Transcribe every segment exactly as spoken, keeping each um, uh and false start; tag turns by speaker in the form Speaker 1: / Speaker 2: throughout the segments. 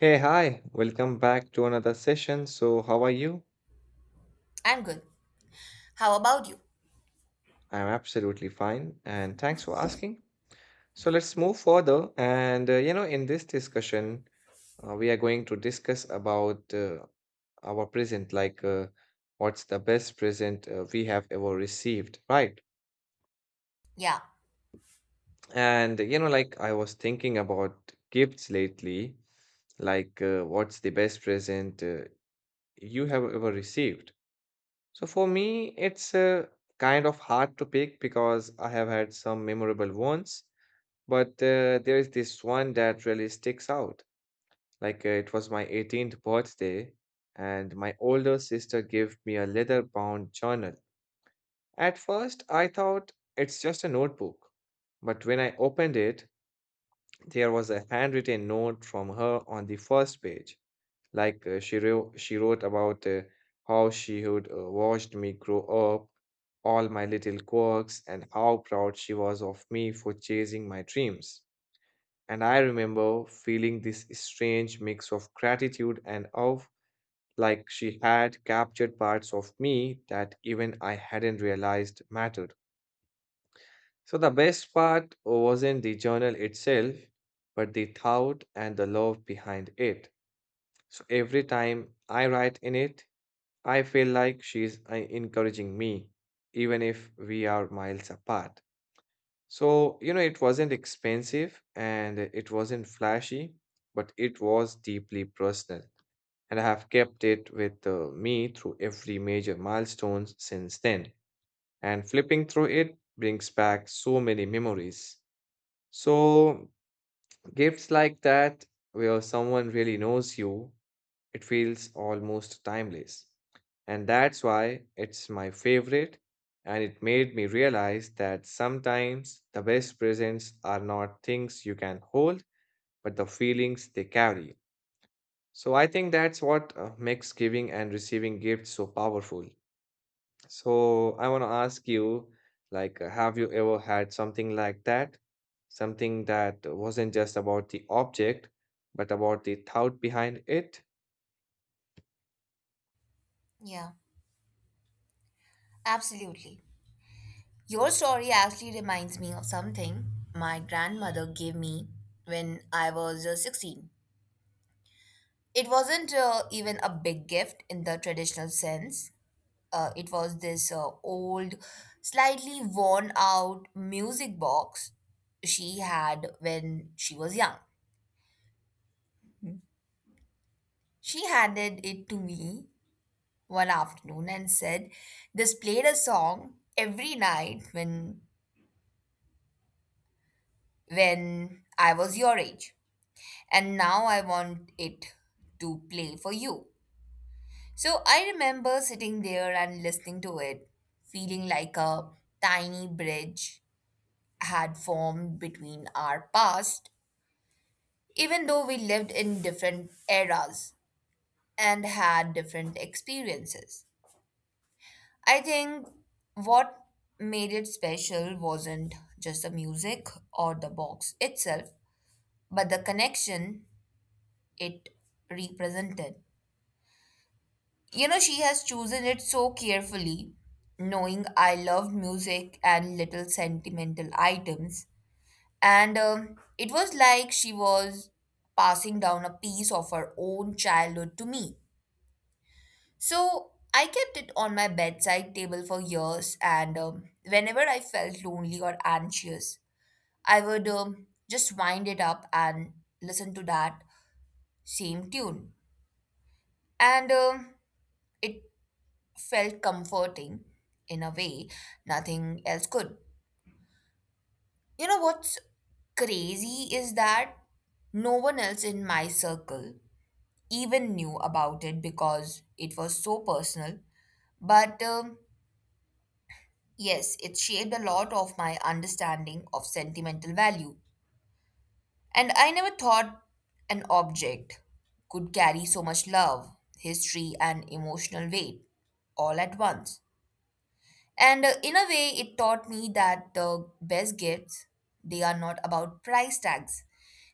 Speaker 1: Hey, hi, welcome back to another session. So, how are you?
Speaker 2: I'm good. How about you?
Speaker 1: I'm absolutely fine, and thanks for asking. So, let's move further. And, uh, you know, in this discussion, uh, we are going to discuss about uh, our present, like uh, what's the best present uh, we have ever received, right?
Speaker 2: Yeah,
Speaker 1: And, you know, like I was thinking about gifts lately, like uh, what's the best present uh, you have ever received? So for me, it's uh, kind of hard to pick because I have had some memorable ones, but uh, there is this one that really sticks out. Like uh, it was my eighteenth birthday, and my older sister gave me a leather-bound journal. At first, I thought it's just a notebook, but when I opened it, there was a handwritten note from her on the first page. Like uh, she wrote, she wrote about uh, how she had uh, watched me grow up, all my little quirks, and how proud she was of me for chasing my dreams. And I remember feeling this strange mix of gratitude and of like she had captured parts of me that even I hadn't realized mattered. So the best part wasn't the journal itself, but the thought and the love behind it. So every time I write in it, I feel like she's uh, encouraging me, even if we are miles apart. So, you know, it wasn't expensive and it wasn't flashy, but it was deeply personal. And I have kept it with uh, me through every major milestone since then. And flipping through it brings back so many memories. So, gifts like that, where someone really knows you it feels almost timeless. And that's why it's my favorite, and it made me realize that sometimes the best presents are not things you can hold, but the feelings they carry. So I think that's what uh, makes giving and receiving gifts so powerful. So I want to ask you, like, uh, have you ever had something like that? Something that wasn't just about the object, but about the thought behind it?
Speaker 2: yeah, absolutely. Your story actually reminds me of something my grandmother gave me when I was uh, sixteen. It wasn't uh, even a big gift in the traditional sense. Uh, it was this uh, old, slightly worn out music box she had when she was young. She handed it to me one afternoon and said, "This played a song every night when when I was your age, and now I want it to play for you." So I remember sitting there and listening to it, feeling like a tiny bridge had formed between our past, even though we lived in different eras and had different experiences. I think what made it special wasn't just the music or the box itself, but the connection it represented. You know, she has chosen it so carefully, knowing I loved music and little sentimental items. And um, it was like she was passing down a piece of her own childhood to me. So I kept it on my bedside table for years, and um, whenever I felt lonely or anxious, I would um, just wind it up and listen to that same tune. And um, it felt comforting in a way nothing else could. You know what's crazy is that no one else in my circle even knew about it because it was so personal. But um, Yes, it shaped a lot of my understanding of sentimental value. And I never thought an object could carry so much love, history, and emotional weight all at once. And uh, in a way, it taught me that the best gifts, they are not about price tags.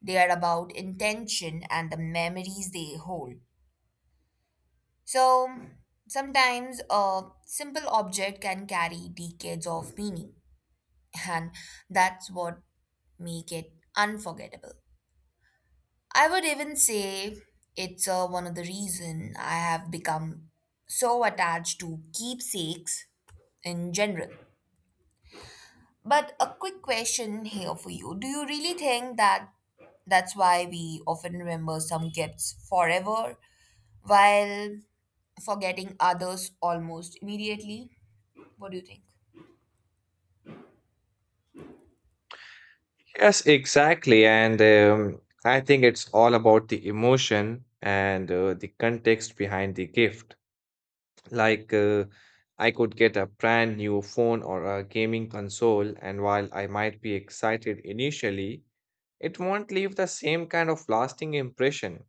Speaker 2: They are about intention and the memories they hold. So sometimes a simple object can carry decades of meaning, and that's what make it unforgettable. I would even say it's uh, one of the reason I have become so attached to keepsakes in general. But a quick question here for you. Do you really think that that's why we often remember some gifts forever while forgetting others almost immediately? What do you think?
Speaker 1: Yes, exactly. And um, I think it's all about the emotion and uh, the context behind the gift. Like, uh, I could get a brand new phone or a gaming console, and while I might be excited initially, it won't leave the same kind of lasting impression.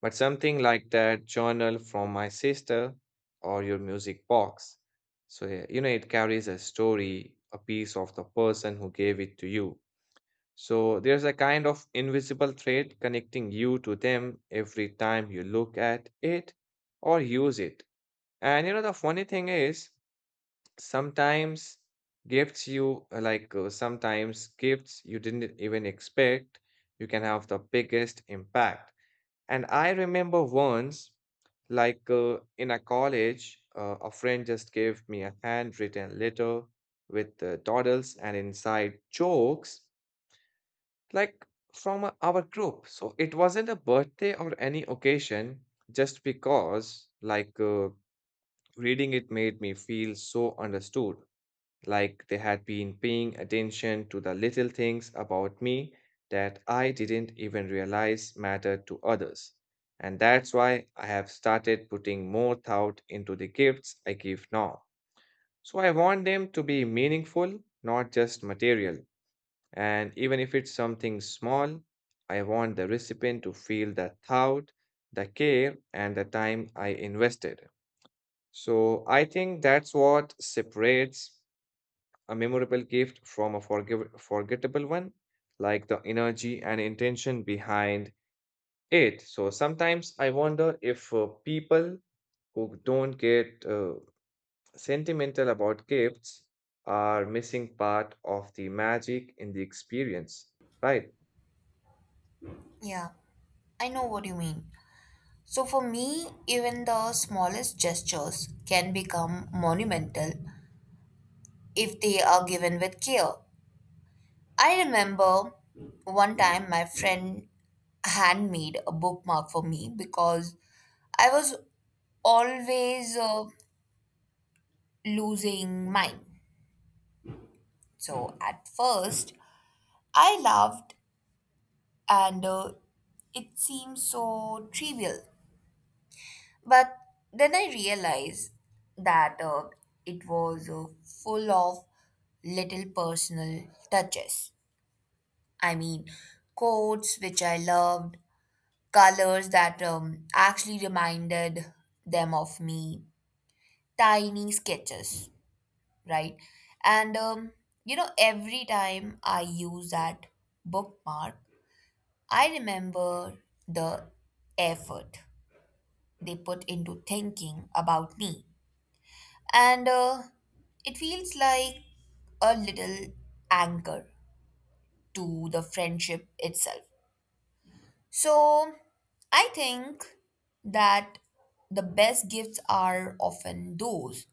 Speaker 1: But something like that journal from my sister or your music box. So, yeah, you know, it carries a story, a piece of the person who gave it to you. So, there's a kind of invisible thread connecting you to them every time you look at it or use it. And you know, the funny thing is, sometimes gifts you uh, like, uh, sometimes gifts you didn't even expect, you can have the biggest impact. And I remember once, like uh, in a college, uh, a friend just gave me a handwritten letter with uh, doodles and inside jokes, like from uh, our group. So it wasn't a birthday or any occasion, just because, like, uh, reading it made me feel so understood, like they had been paying attention to the little things about me that I didn't even realize mattered to others. And that's why I have started putting more thought into the gifts I give now. So I want them to be meaningful, not just material. And even if it's something small, I want the recipient to feel the thought, the care, and the time I invested. So I think that's what separates a memorable gift from a forgiv forgettable one, like the energy and intention behind it. So sometimes I wonder if uh, people who don't get uh, sentimental about gifts are missing part of the magic in the experience, right?
Speaker 2: Yeah, I know what you mean. So for me, even the smallest gestures can become monumental if they are given with care. I remember one time my friend handmade a bookmark for me because I was always uh, losing mine. So at first, I laughed and uh, it seemed so trivial. But then I realized that uh, it was uh, full of little personal touches. I mean, quotes which I loved, colors that um, actually reminded them of me, tiny sketches, right? And um, You know, every time I use that bookmark, I remember the effort they put into thinking about me. And uh, it feels like a little anchor to the friendship itself. So I think that the best gifts are often those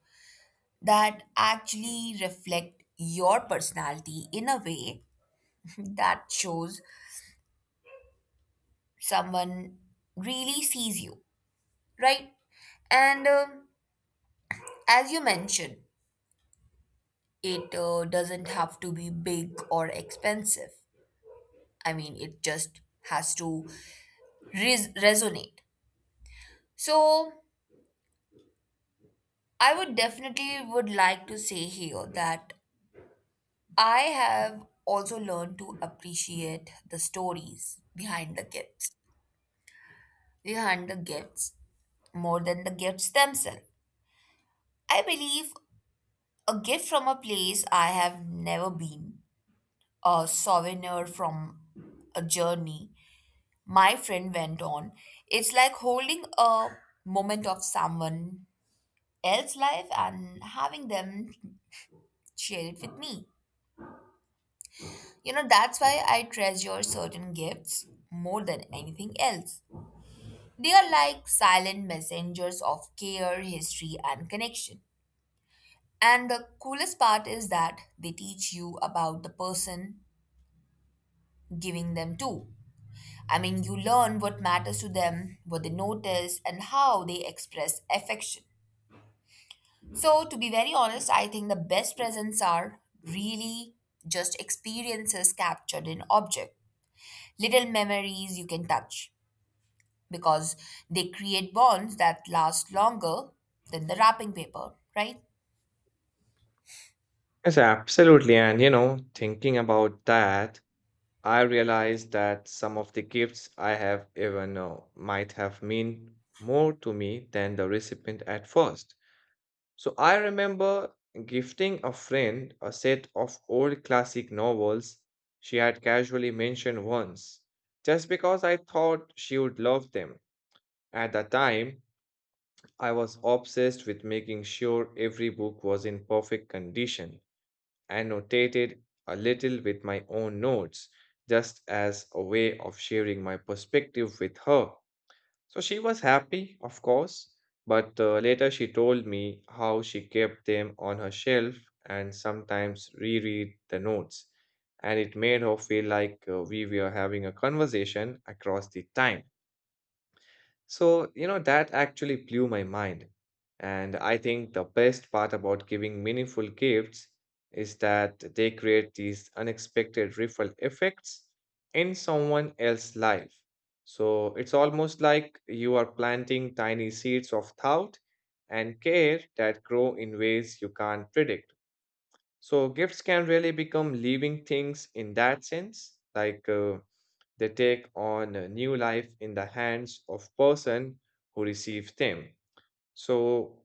Speaker 2: that actually reflect your personality in a way that shows someone really sees you, right? And um As you mentioned, it uh, doesn't have to be big or expensive. I mean, it just has to res- resonate. So, I would definitely would like to say here that I have also learned to appreciate the stories behind the gifts, behind the gifts more than the gifts themselves. I believe a gift from a place I have never been, a souvenir from a journey my friend went on. It's like holding a moment of someone else's life and having them share it with me. You know, that's why I treasure certain gifts more than anything else. They are like silent messengers of care, history, and connection. And the coolest part is that they teach you about the person giving them to. I mean, you learn what matters to them, what they notice, and how they express affection. So, to be very honest, I think the best presents are really just experiences captured in object, little memories you can touch because they create bonds that last longer than the wrapping paper, right?
Speaker 1: Yes, absolutely. And you know, thinking about that. I realized that some of the gifts I have even now might have meant more to me than the recipient at first. So I remember gifting a friend a set of old classic novels she had casually mentioned once, just because I thought she would love them. At the time, I was obsessed with making sure every book was in perfect condition. I notated a little with my own notes, just as a way of sharing my perspective with her. So she was happy, of course, but uh, later she told me how she kept them on her shelf and sometimes reread the notes. And it made her feel like uh, we were having a conversation across the time. So, you know, that actually blew my mind. And I think the best part about giving meaningful gifts is that they create these unexpected ripple effects in someone else's life. So it's almost like you are planting tiny seeds of thought and care that grow in ways you can't predict. So gifts can really become living things in that sense, like uh, they take on a new life in the hands of person who receive them. So,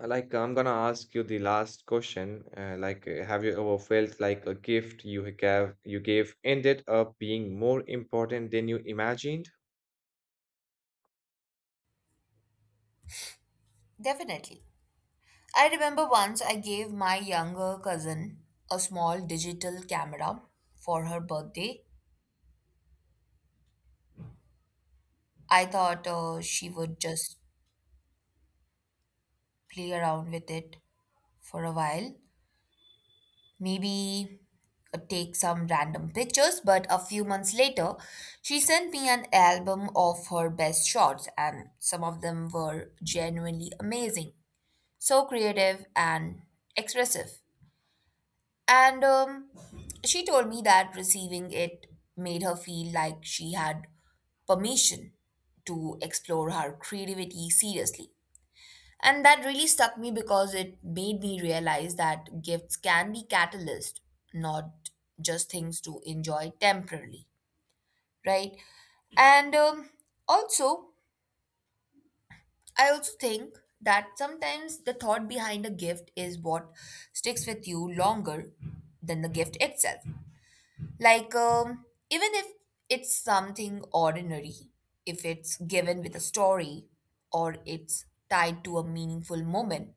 Speaker 1: uh, like, I'm gonna ask you the last question. Uh, like, uh, have you ever felt like a gift you gave you gave ended up being more important than you imagined?
Speaker 2: Definitely. I remember once I gave my younger cousin a small digital camera for her birthday. I thought uh, she would just play around with it for a while. Maybe uh, take some random pictures, but a few months later, she sent me an album of her best shots, and some of them were genuinely amazing. So creative and expressive. And um, She told me that receiving it made her feel like she had permission to explore her creativity seriously. And that really stuck me because it made me realize that gifts can be catalyst, not just things to enjoy temporarily, right? And um, Also, I also think that sometimes the thought behind a gift is what sticks with you longer than the gift itself. Like, um, even if it's something ordinary, if it's given with a story or it's tied to a meaningful moment,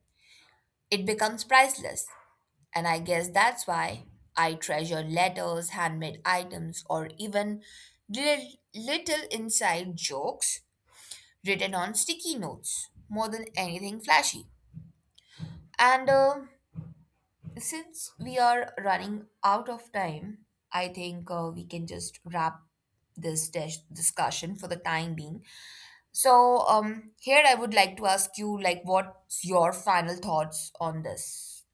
Speaker 2: it becomes priceless. And I guess that's why I treasure letters, handmade items, or even little, little inside jokes written on sticky notes more than anything flashy. And uh, since we are running out of time, I think uh, we can just wrap this dis- discussion for the time being. So, um, here I would like to ask you, like, what's your final thoughts on this?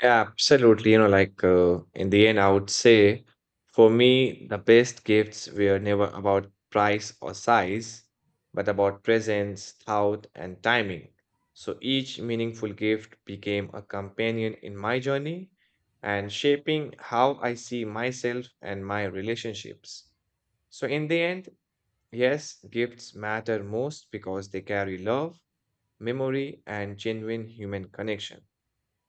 Speaker 1: Yeah, absolutely. You know, like uh, in the end, I would say for me, the best gifts were never about price or size, but about presence, thought, and timing. So each meaningful gift became a companion in my journey and shaping how I see myself and my relationships. So in the end, yes, gifts matter most because they carry love, memory, and genuine human connection.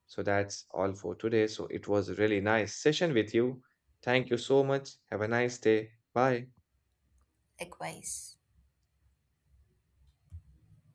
Speaker 1: So that's all for today. So it was a really nice session with you. Thank you so much. Have a nice day. Bye.
Speaker 2: Likewise.